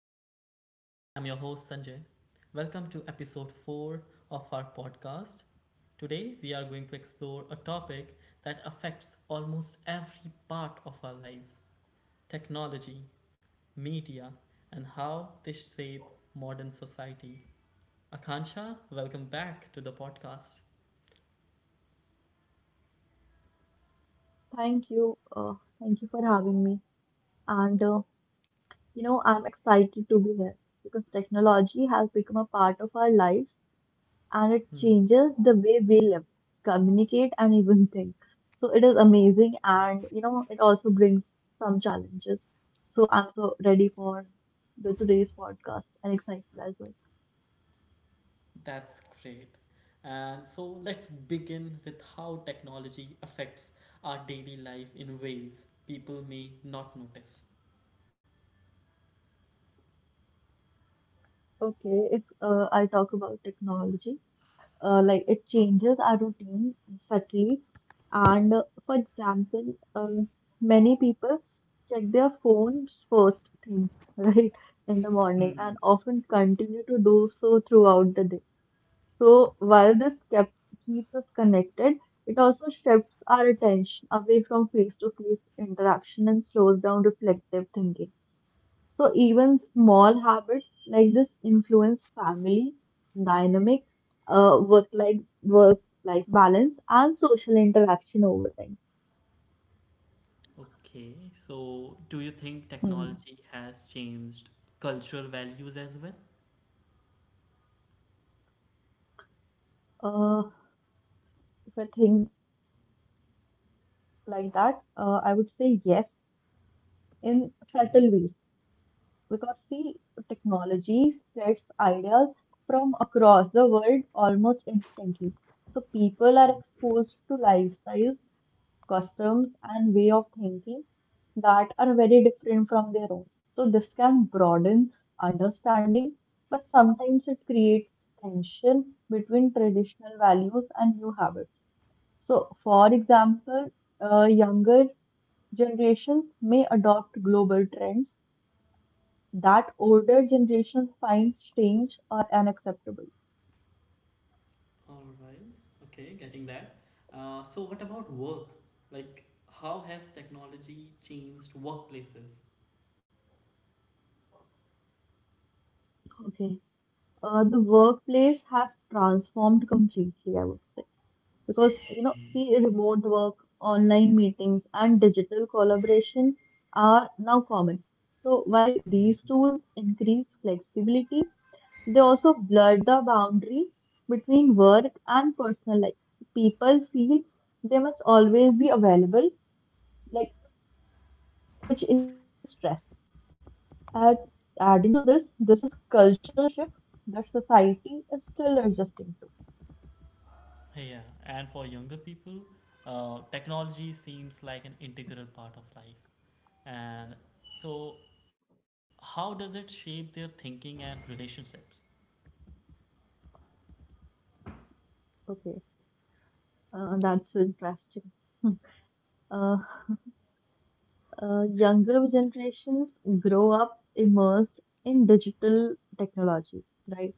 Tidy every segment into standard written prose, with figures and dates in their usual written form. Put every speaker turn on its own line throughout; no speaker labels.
listeners. I'm your host Sanjay. Welcome to episode 4 of our podcast. Today, we are going to explore a topic that affects almost every part of our lives technology, media, and how they shape modern society. Akansha, welcome back to the podcast.
Thank you. Thank you for having me. And uh, I'm excited to be here because technology has become a part of our lives and it
Hmm,
changes the way we live, communicate, and even think. So it is amazing and it also brings some challenges. So I'm so ready for the today's podcast and excited as well.
that's great. And so let's begin with how technology affects our daily life in ways people may not notice.
Okay, if I talk about technology, like it changes our routine subtly. And for example, many people check their phones first thing, right, in the morning and often continue to do so throughout the day. So while this keeps us connected, it also shifts our attention away from face-to-face interaction and slows down reflective thinking. So even small habits like this influence family dynamic, work life balance, and social interaction over time.
Okay, so do you think
Hmm.
technology has changed cultural values as well?
Uh, if I think like that, I would say yes in subtle ways
Okay.
because see, technology spreads ideas from across the world almost instantly. So people are exposed to lifestyles customs, and way of thinking that are very different from their own. So, this can broaden understanding, but sometimes it creates tension between traditional values and new habits. So, for example, younger generations may adopt global trends that older generations find strange or unacceptable.
All right. Okay, getting that. So, what about work? Like, how has technology changed workplaces?
Okay. The workplace has transformed completely, I would say. Because you know see remote work, online meetings, and digital collaboration are now common. So while these tools increase flexibility, they also blur the boundary between work and personal life. So people feel they must always be available, like, which increases stress. And adding to this, this is cultural shift that society is still adjusting
Yeah, and for younger people, technology seems like an integral part of life. And so, how does it shape their thinking and relationships?
to. Okay, that's interesting. uh, Younger generations grow up immersed in digital technology, right?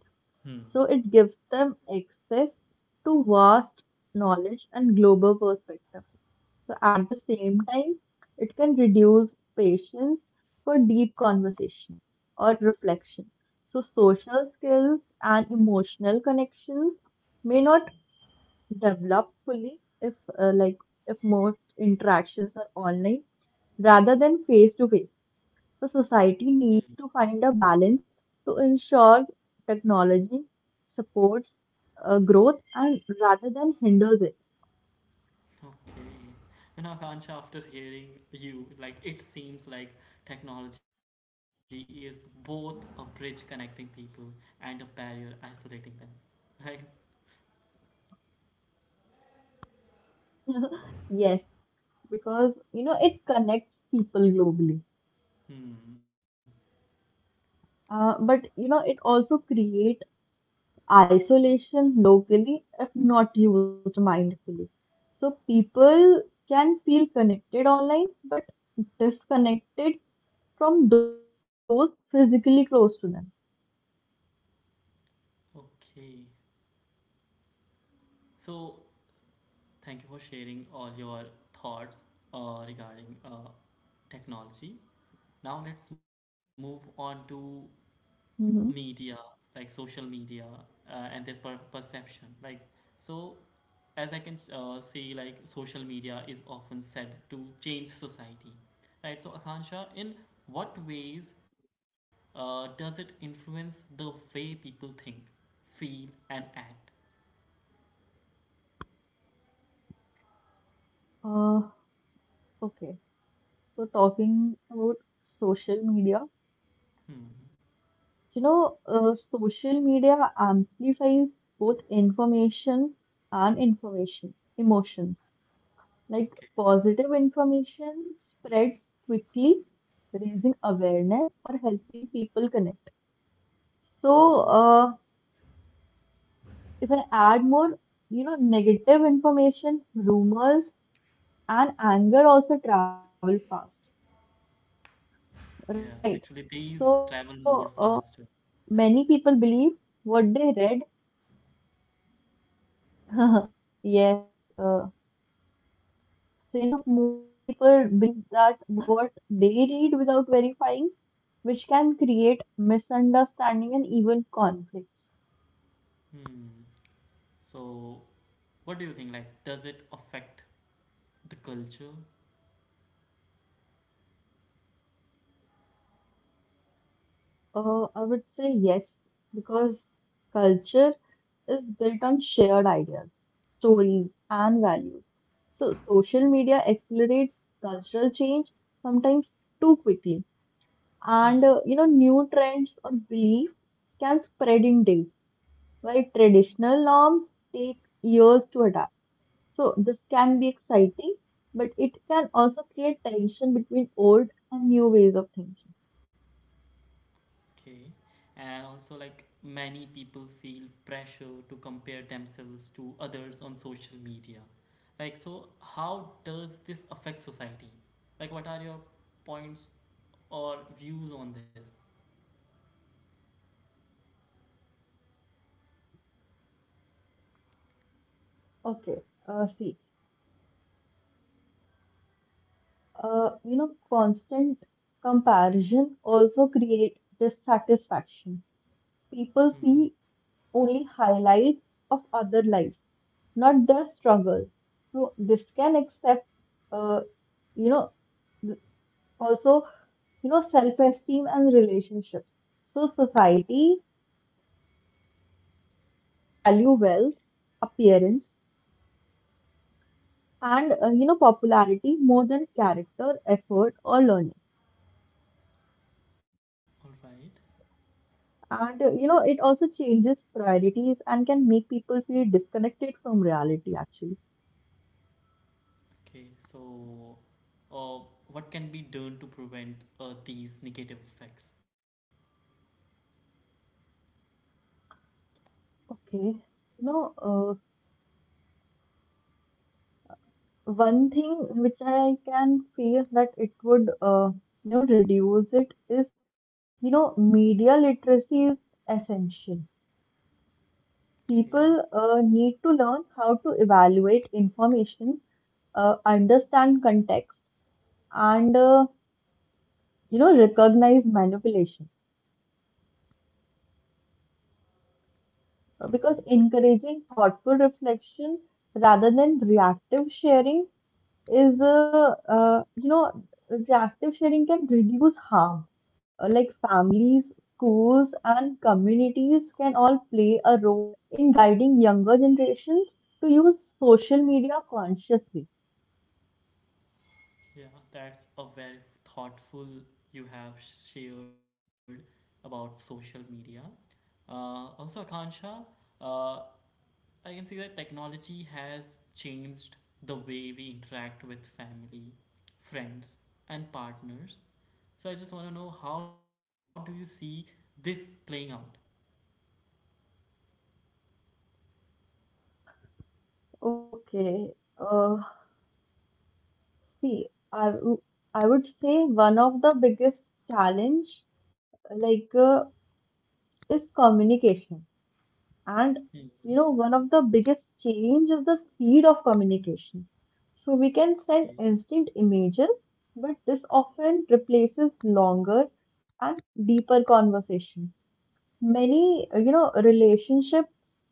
So
Hmm.
it gives them access to vast knowledge and global perspectives. So at the same time, it can reduce patience for deep conversation or reflection. So social skills and emotional connections may not develop fully if most interactions are online rather than face to face. The society needs to find a balance to ensure technology supports growth and rather than hinders it.
Okay. And Akansha, after hearing you, like it seems like technology is both a bridge connecting people and a barrier isolating them. Right?
Yes, because it connects people globally,
Hmm.
but it also creates isolation locally if not used mindfully. So people can feel connected online, but disconnected from those physically close to them.
Okay. So thank you for sharing all your thoughts regarding technology. Now let's move on to media,
Mhm.
like social media and their perception. Like, so as I can say, like social media is often said to change society, right? So, Akansha, in what ways does it influence the way people think, feel, and act?
Uh, Okay, so talking about social media,
Hmm.
social media amplifies both information and information emotions. Like
Okay.
positive information spreads quickly, raising awareness or helping people connect. So, if I add more, negative information, rumors, and anger also travel fast,
Yeah.
right?
Actually, these
So,
travel more faster.
many people believe what they read. Yes, uh, definitely. So, most people believe that what they read without verifying, which can create misunderstanding and even conflicts.
Hmm. So, what do you think? Like, does it affect the culture?
I would say yes, because culture is built on shared ideas, stories, and values. So, social media accelerates cultural change sometimes too quickly. And
Hmm,
uh, you know, new trends or belief can spread in days, while traditional norms take years to adapt. So this can be exciting, but it can also create tension between old and new ways of thinking.
okay. And also, like, many people feel pressure to compare themselves to others on social media. Like, so how does this affect society? Like, what are your points or views on this?
Okay, uh, see, constant comparison also create dissatisfaction. People
Hmm.
see only highlights of other lives, not their struggles. So this can accept, uh, you know, th- also, self-esteem and relationships. So society begins to value wealth, appearance, and popularity more than character, effort, or learning.
All right.
And it also changes priorities and can make people feel disconnected from reality, actually.
Okay. So, uh, what can be done to prevent these negative effects?
Okay. Know. uh, One thing which I can feel that it would, reduce it is, media literacy is essential.
Okay.
People need to learn how to evaluate information, understand context, and recognize manipulation.
All right.
Because encouraging thoughtful reflection rather than reactive sharing is reactive sharing can reduce harm. Like families, schools, and communities can all play a role in guiding younger generations to use social media consciously.
Yeah, that's a very thoughtful you have shared about social media. Also, Akansha, uh, I can see that technology has changed the way we interact with family, friends, and partners. So I just want to know how do you see this playing out?
Okay, uh, see i w- I would say one of the biggest challenge like uh, is communication. And one of the biggest change is the speed of communication. So we can send
Okay.
instant images, but this often replaces longer and deeper conversation. Many, relationships,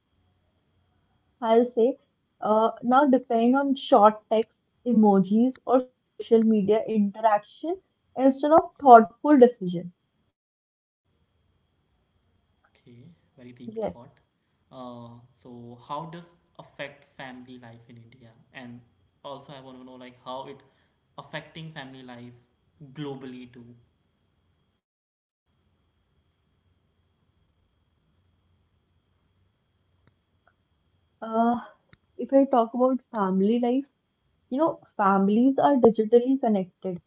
I'll say, now depend on short text, emojis, or social media interaction instead of
Mm,
thoughtful decision.
okay. Very deep thought.
Yes.
So how does affect family life in India? And also I want to know like how it affecting family life globally too.
Uh, if I talk about family life. You know, families are digitally connected,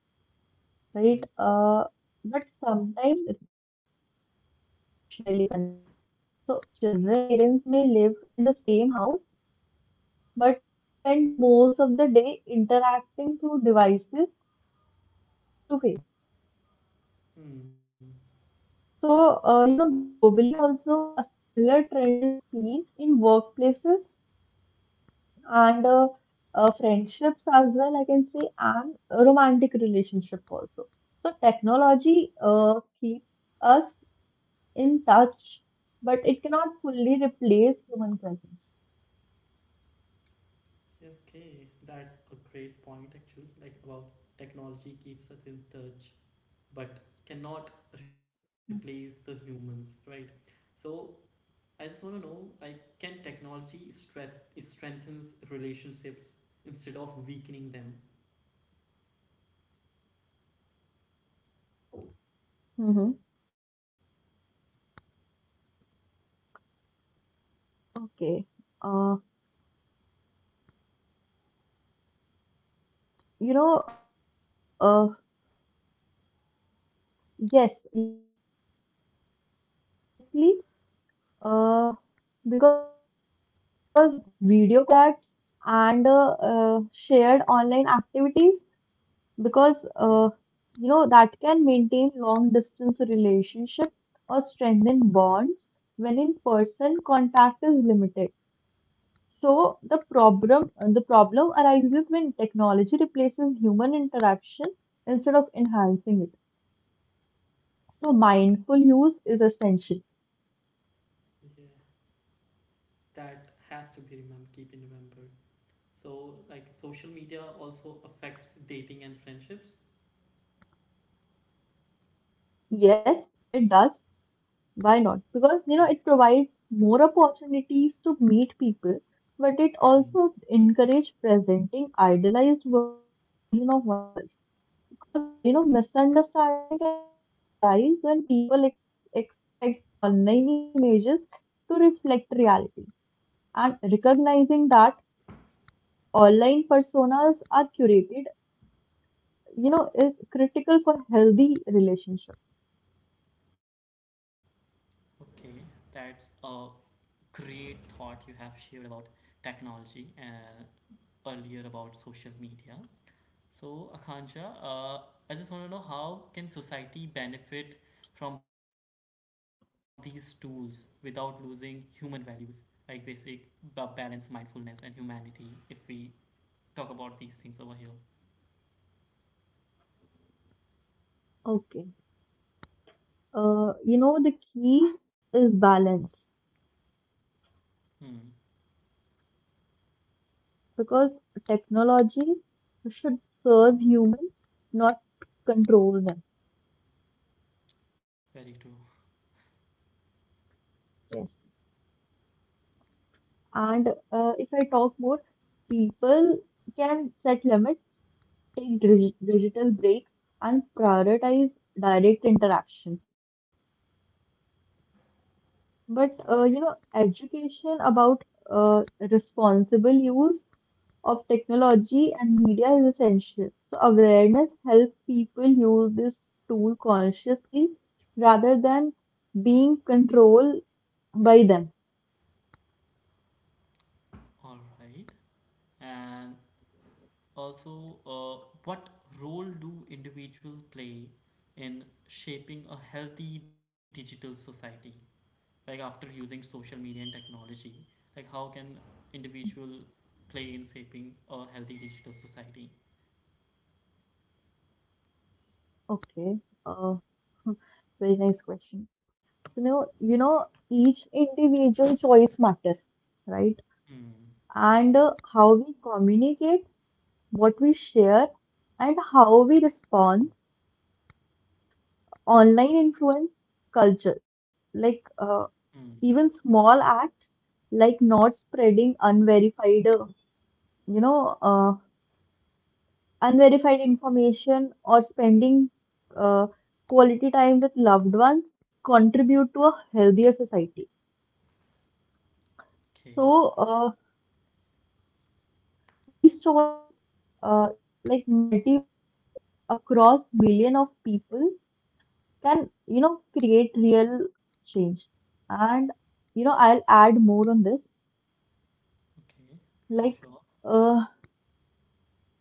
right?
Hmm.
But sometimes less emotionally connected. So children and parents may live in the same house, but spend most of the day interacting through devices rather than face to face.
Hmm.
So, globally also a similar trend is seen in workplaces and friendships as well, I can say, and a romantic relationship also. So technology keeps us in touch, but it cannot fully replace human presence.
Okay, that's a great point actually, like about technology keeps us in touch but cannot replace the humans, right? So I just want to know, like, can technology strength strengthens relationships instead of weakening them?
Mm-hmm. Okay. Uh, you know, uh, yes, you know, if used consciously, uh, because video calls, group chats, and shared online activities because
Mm.
that can maintain long distance relationship or strengthen bonds when in person contact is limited. So the problem arises when technology replaces human interaction instead of enhancing it. So mindful use is essential.
Yeah, that has to be remember, keep in remember. So like, social media also affects dating and friendships.
Yes it does, why not, because
Okay.
it provides more opportunities to meet people, but it
Mhm.
also encourages presenting idealized version of oneself. Because misunderstanding can arise when people expect online images to reflect reality. And recognizing that online personas are curated, is critical for healthy relationships.
Okay, that's a great thought you have shared about technology and earlier about social media. So, Akansha, I just want to know how can society benefit from these tools without losing human values, like basic balance, mindfulness, and humanity. If we talk about these things over here,
Okay, the key is balance
hmm,
because technology should serve human not control them.
very true.
Yes. And if I talk more, people can set limits, take
Hmm.
digital breaks, and prioritize direct interaction.
All
But
right,
education about responsible use of technology and media is essential. So awareness helps people use this tool consciously rather than being controlled by them.
all right, and also, what role do individuals play in shaping a healthy digital society? Like after using social media and technology, like how can individual play in shaping a healthy digital society?
Okay, uh, very nice question. So now, each individual choice matter, right?
Mm,
And how we communicate, what we share, and how we respond, online influence culture. Like
mm,
even small acts, like not spreading unverified, you know, uh, unverified information or spending uh, quality time with loved ones contribute to a healthier society.
okay,
So, these toys, like multiplied across billion of people, can create real change. And I'll add more on this.
okay, for
Like,
sure.
uh,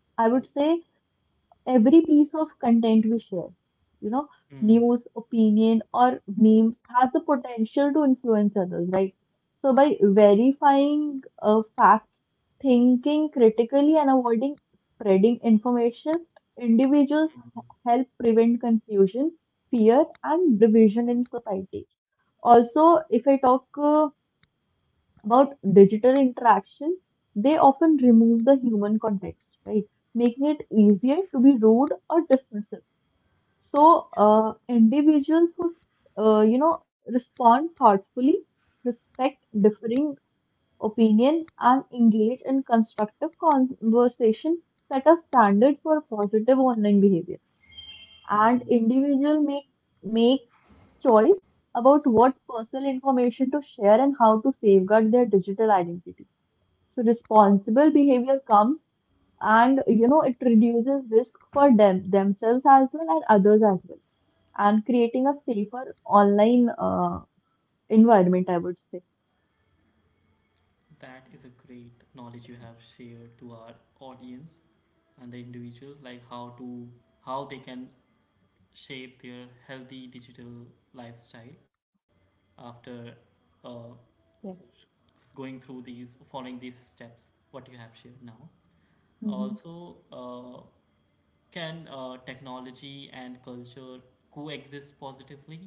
I would say every piece of content we share, you know,
Mm,
news, opinion, or memes has the potential to influence others, right? So, by
yeah,
verifying facts, thinking critically, and avoiding spreading information, individuals
mm,
help prevent confusion, fear, and division in society. Also, if I talk about digital interaction, they often
mm,
remove the human context, right? Making it easier to be rude or dismissive. So,
yes.
individuals who, respond thoughtfully, respect differing opinion, and engage in constructive conversation set a standard for positive online behavior. And
Hmm,
individual makes choice about what personal information to share and how to safeguard their digital identity. So responsible behavior comes and it reduces risk for themselves as well and others as well, and creating a safer online environment, I would say.
that is a great knowledge you have shared to our audience and the individuals, like how to how they can shape their healthy digital lifestyle after uh,
Yes.
going through these following these steps what you have shared now.
Hmm.
Also, can technology and culture coexist positively?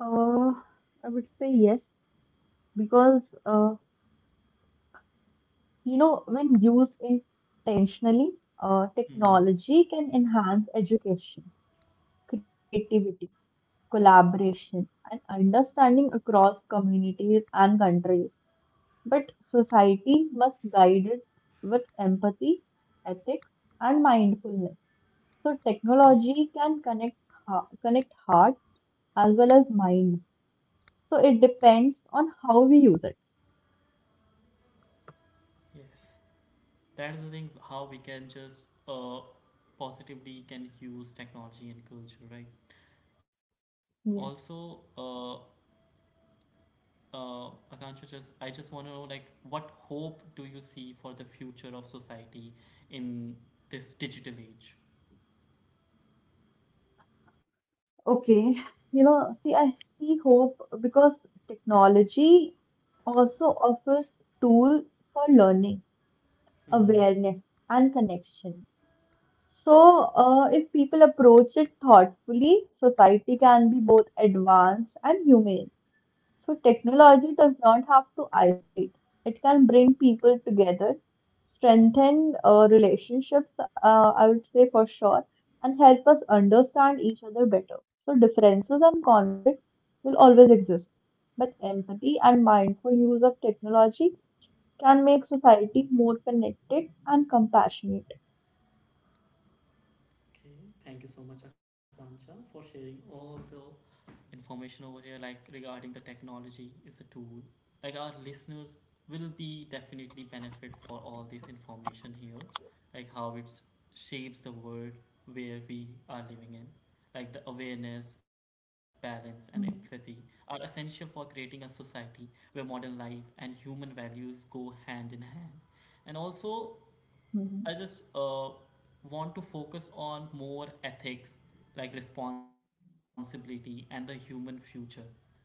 Uh, I would say yes, because uh, when used intentionally,
Mm.
technology can enhance education, creativity, collaboration, and understanding across communities and countries. But society must guide it with empathy, ethics, and mindfulness. So
Mm.
technology can connect, connect heart as well as mind. So it depends on how we use it.
Yes, that is the thing how we can just positively can use technology and culture, right? Also,
Yes.
Akansha, just I just want to know like what hope do you see for the future of society in this digital age?
Okay. You know, see, I see hope because technology also offers tool for learning,
Mm.
awareness, and connection. So, if people approach it thoughtfully, society can be both advanced and humane. So, technology does not have to isolate, it can bring people together, strengthen relationships, I would say for sure, and help us understand each other better. So, differences and conflicts will always exist, but empathy and mindful use of technology can make society more connected and compassionate.
Okay, thank you so much, Akansha, for sharing all the information over here, like regarding the technology is a tool. Like our listeners will be definitely benefit for all this information here, like how it shapes the world where we are living in. Like the awareness, balance, and empathy
Mhm,
are essential for creating a society where modern life and human values go hand in hand. And also,
mhm,
I just want to focus on more ethics like responsibility and the human future. Right.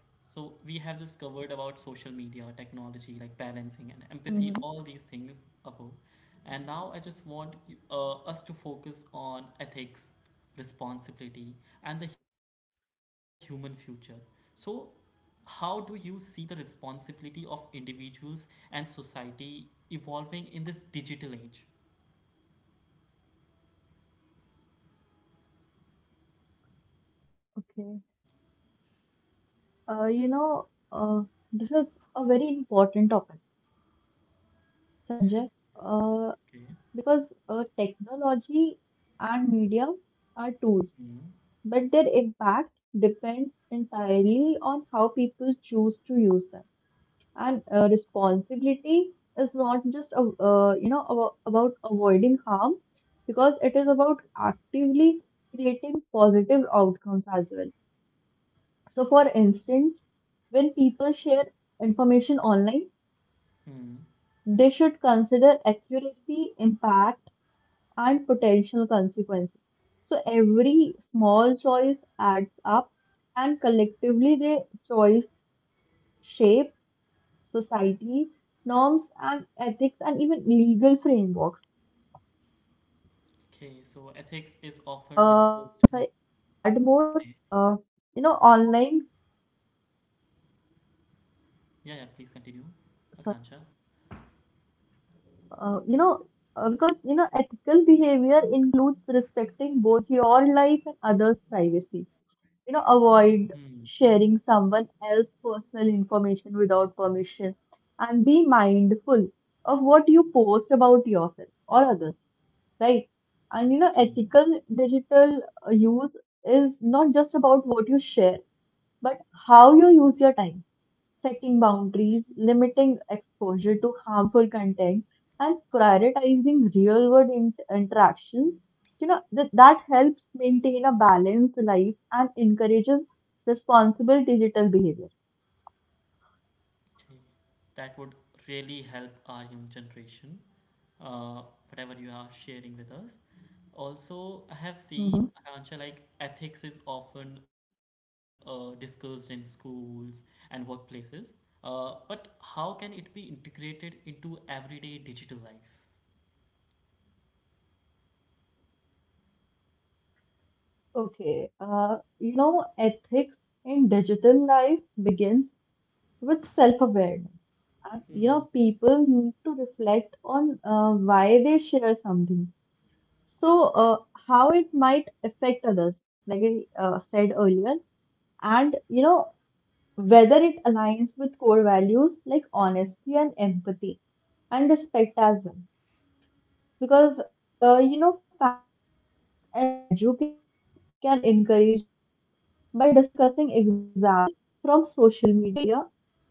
So we have just covered about social media, technology, like balancing and empathy, all
mhm.
these things above. And now I just want us to focus on ethics, responsibility, and the human future. So how do you see the responsibility of individuals and society evolving in this digital age?
Okay. Uh, you know, uh, this is a very important topic, Sanjay, uh,
Okay.
because technology and media are tools,
Hmm.
but their impact depends entirely on how people choose to use them. And responsibility is not just a, about avoiding harm, because it is about actively creating positive outcomes as well. So, for instance, when people share information online,
Hmm.
they should consider accuracy, impact, and potential consequences. So, every small choice adds up, and collectively, the choice shape society, norms, and ethics, and even legal frameworks. Like,
Okay.
if I
So
say,
ethics is often
if I
discussed in. Okay.
add more, uh, online,
Yeah. Yeah. Please continue,
sorry
Akansha.
uh, you know, because ethical behavior includes respecting both your life and others' privacy.
Hmm,
Avoid sharing someone else's personal information without permission, and be mindful of what you post about yourself or others, right? And
hmm,
ethical digital use is not just about what you share, but how you use your time, setting
hmm.
boundaries, limiting exposure to harmful content, and prioritizing real world interactions. That helps maintain a balanced life and encourages responsible digital behavior.
Okay. That would really help our young generation, uh, whatever you are sharing with us. Also, I have seen,
Hmm.
Akansha, like ethics is often discussed in schools and workplaces, but how can it be integrated into everyday digital life?
Okay, ethics in digital life begins with self-awareness. And
Hmm,
people need to reflect on why they share something. So, uh, how it might affect others, like I said earlier, and whether it aligns with core values like honesty and empathy and respect as well. Because families and educators can encourage this by discussing example from social media, news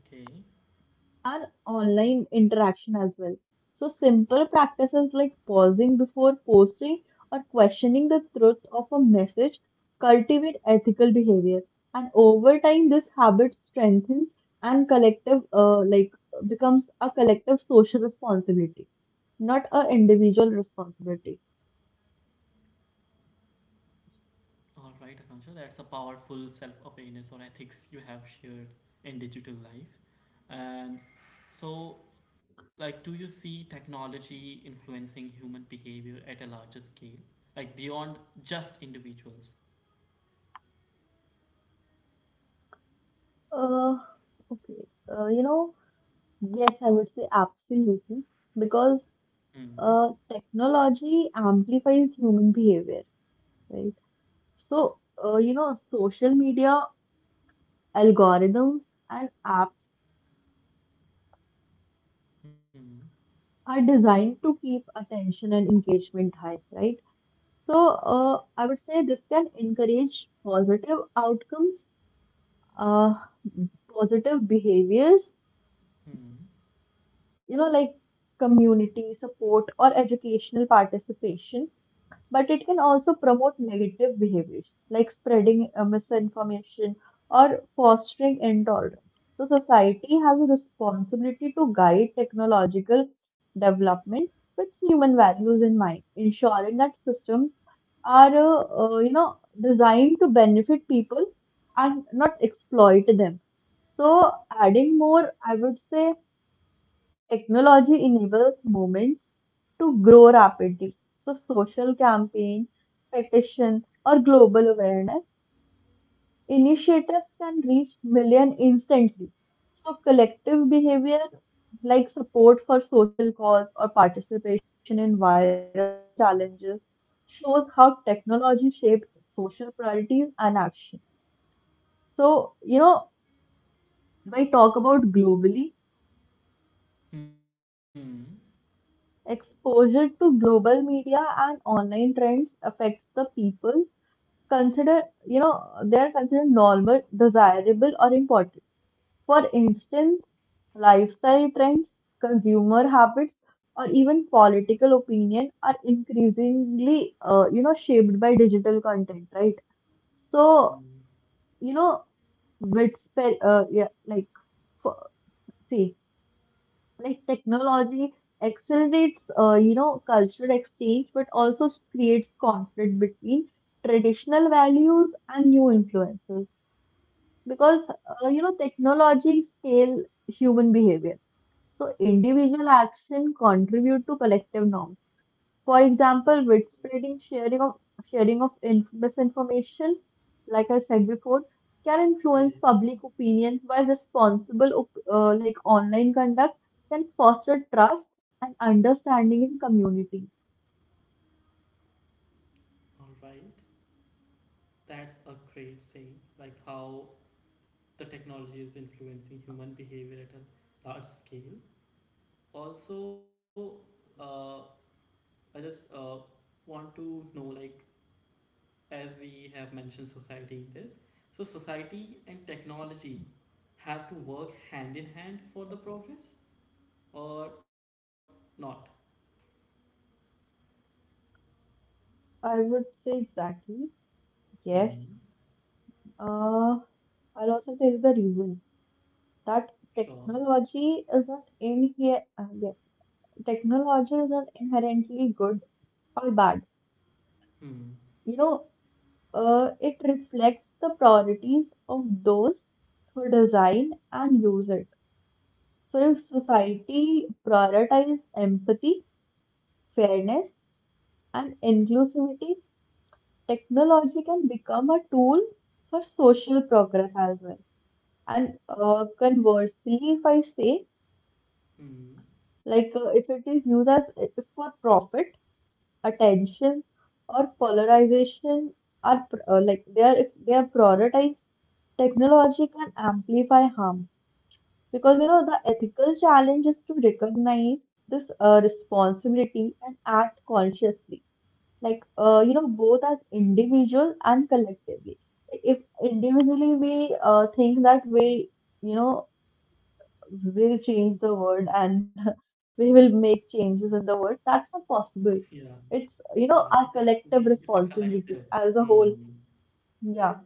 okay.
and online interaction as well. So, simple practices like pausing before posting or questioning the truth of a message cultivate ethical behavior. And over time, this habit strengthens and becomes a collective social responsibility, not an individual responsibility.
All right, Akansha, that's a powerful self awareness or ethics you have shared in digital life. And so, like, do you see technology influencing human behavior at a larger scale, like beyond just individuals?
Uh, okay. Uh, you know, yes, I would say absolutely because
Hmm.
technology amplifies human behavior, right? So, social media algorithms and apps
Hmm.
are designed to keep attention and engagement high, right? So, I would say this can encourage positive outcomes, uh, positive behaviors,
Hmm.
like community support or educational participation. But it can also promote negative behaviors like spreading misinformation or fostering intolerance. So, society has a responsibility to guide technological development with human values in mind, ensuring that systems are, designed to benefit people and not exploit them. So, adding more, I would say technology enables movements to grow rapidly. So, social campaign, petition, or global awareness initiatives can reach million instantly. So, collective behavior like support for social cause or participation in viral challenges shows how technology shapes social priorities and action. So, when I talk about globally,
Hmm.
exposure to global media and online trends affects the people consider, they are considered normal, desirable, or important. For instance, lifestyle trends, consumer habits, or even political opinion are increasingly, shaped by digital content, right? So,
Hmm.
you know, with, spe- yeah, like, for, see, like technology accelerates cultural exchange but also creates conflict between traditional values and new influences, because technology scale human behavior. So individual action contribute to collective norms, for example, with spreading sharing of inf misinformation, like I said before, can influence
Yes.
public opinion, while responsible like online conduct can foster trust and understanding in communities.
All right. That's a great saying. Like how the technology is influencing human behavior at a large scale. Also, uh, I just want to know, like, as we have mentioned society in this, so society and technology have to work hand in hand for the progress or not?
I would say exactly yes.
Hmm.
Uh, I'll also tell you the reason that
Sure.
technology is not in here. Yes, technology is not inherently good or bad.
Hmm.
You know, it reflects the priorities of those who design and use it. So, if society prioritizes empathy, fairness, and inclusivity, technology can become a tool for social progress as well. And conversely, if I say,
Hmm.
if it is used as if for profit, attention, or polarization are pr- like they are if they are prioritized, technology can amplify harm. Because the ethical challenge is to recognize this responsibility and act consciously, both as individual and collectively. If individually we think that we, you know, will change the world and we will make changes in the world, that's not possible.
Yeah.
It's our
Yeah. We have
collective
to be. It's a
responsibility as
collective.
a whole.
Hmm.
Yeah,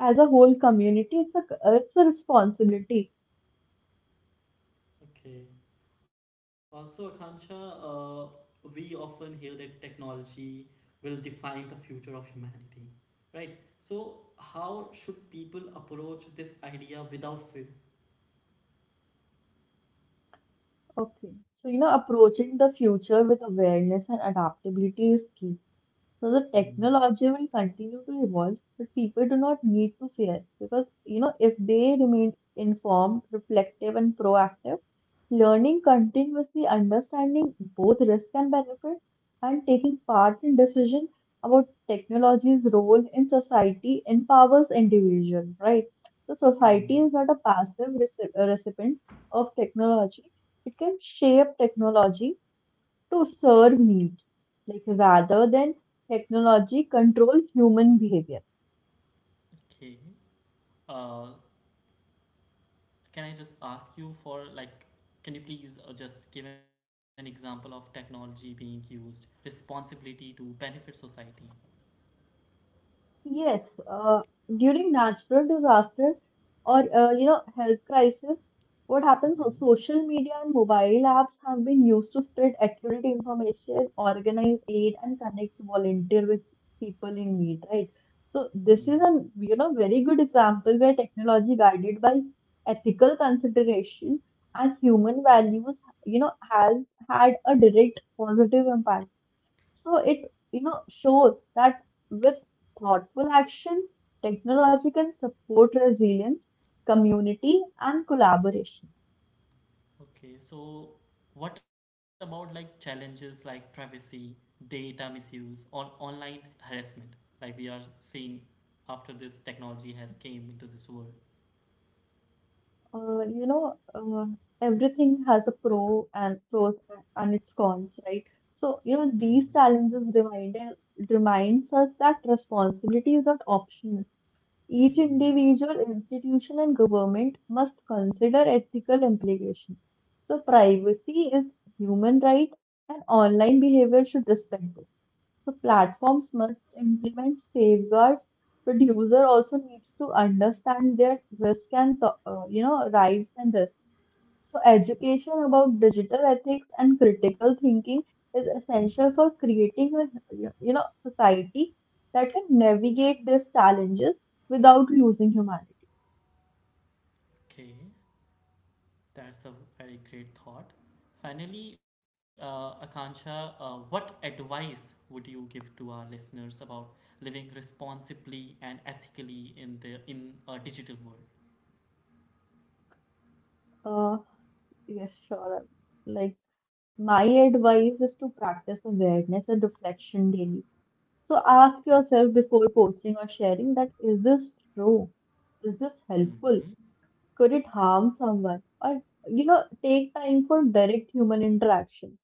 as a whole community, it's
Okay.
a it's a responsibility.
Okay. Also, Akanksha, we often hear that technology will define the future of humanity, right? So, how should people approach this idea without fear?
Okay, so approaching the future with awareness and adaptability is key. So the
Hmm.
technology will continue to evolve, but people do not need to fear because if they remain informed, reflective, and proactive, learning continuously, understanding both risk and benefit, and taking part in decision about technology's role in society empowers individual, right? So society
Hmm.
is not a passive recipient of technology. It can shape technology to serve needs, like rather than technology control human behavior.
Okay. Uh, can I just ask you for like, can you please just give an example of technology being used responsibility to benefit society?
Yes, uh, during natural disaster or health crisis, what happens? So
Hmm.
social media and mobile apps have been used to spread accurate information, organize aid, and connect volunteer with people in need. Right. So this is a
Hmm.
very good example where technology guided by ethical consideration and human values has had a direct positive impact. So it, shows that with thoughtful action, technology can support resilience, community, and collaboration.
Okay, so what about like challenges like privacy, data misuse, or online harassment? Like we are seeing after this technology has came into this world.
Uh, you know, uh, Everything has a pro and pros and its cons, right? So, these
Hmm.
challenges reminds us that responsibility is not optional. Each individual
Hmm.
institution and government must consider ethical implications. So, privacy is human right and online behavior should respect this. So, platforms must implement safeguards, but user also needs to understand their risk and, th- you know, rights and risks. So, education about digital ethics and critical thinking is essential for creating a society that can navigate these challenges without losing humanity.
Okay, that's a very great thought. Finally, Akansha, what advice would you give to our listeners about living responsibly and ethically in the in a digital world?
Uh, yes, sure. Like my advice is to practice awareness and reflection daily. So ask
Okay.
yourself before posting or sharing that, is this true? Is this helpful?
Hmm.
Could it harm someone? Or take time for direct human interaction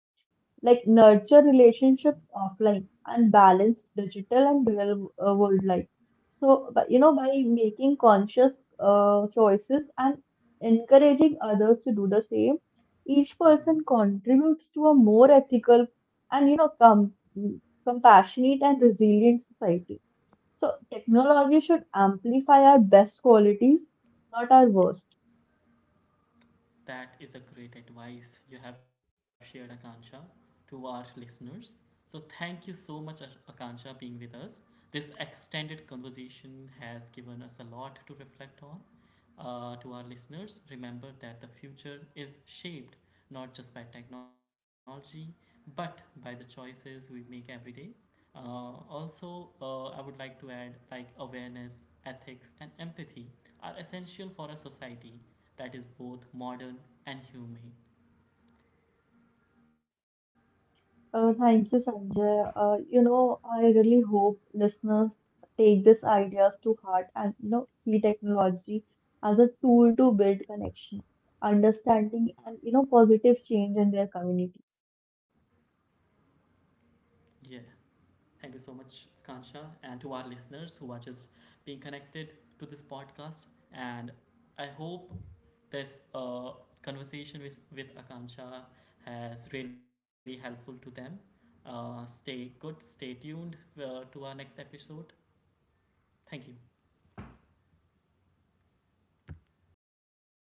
like nurture relationships offline and balance digital and real world life. So, but by making conscious choices and encouraging others to do the same, each person
Hmm.
contributes to a more ethical and compassionate and resilient society. So, technology should amplify our best qualities, not our worst.
That is a great advice you have shared, Akansha, to our listeners. So thank you so much, Akansha, being with us. This extended conversation has given us a lot to reflect on. To our listeners, remember that the future is shaped not just by technology, but by the choices we make every day. Also, I would like to add like awareness, ethics, and empathy are essential for a society that is both modern and humane.
Thank you, Sanjay. I really hope listeners take these ideas to heart and see technology as a tool to build connection, understanding, and positive change in their communities.
Yeah, thank you so much, Kansha, and to our listeners who are just being connected to this podcast. And I hope this conversation with Akansha has really helpful to them. Stay good, stay tuned to our next episode. Thank you.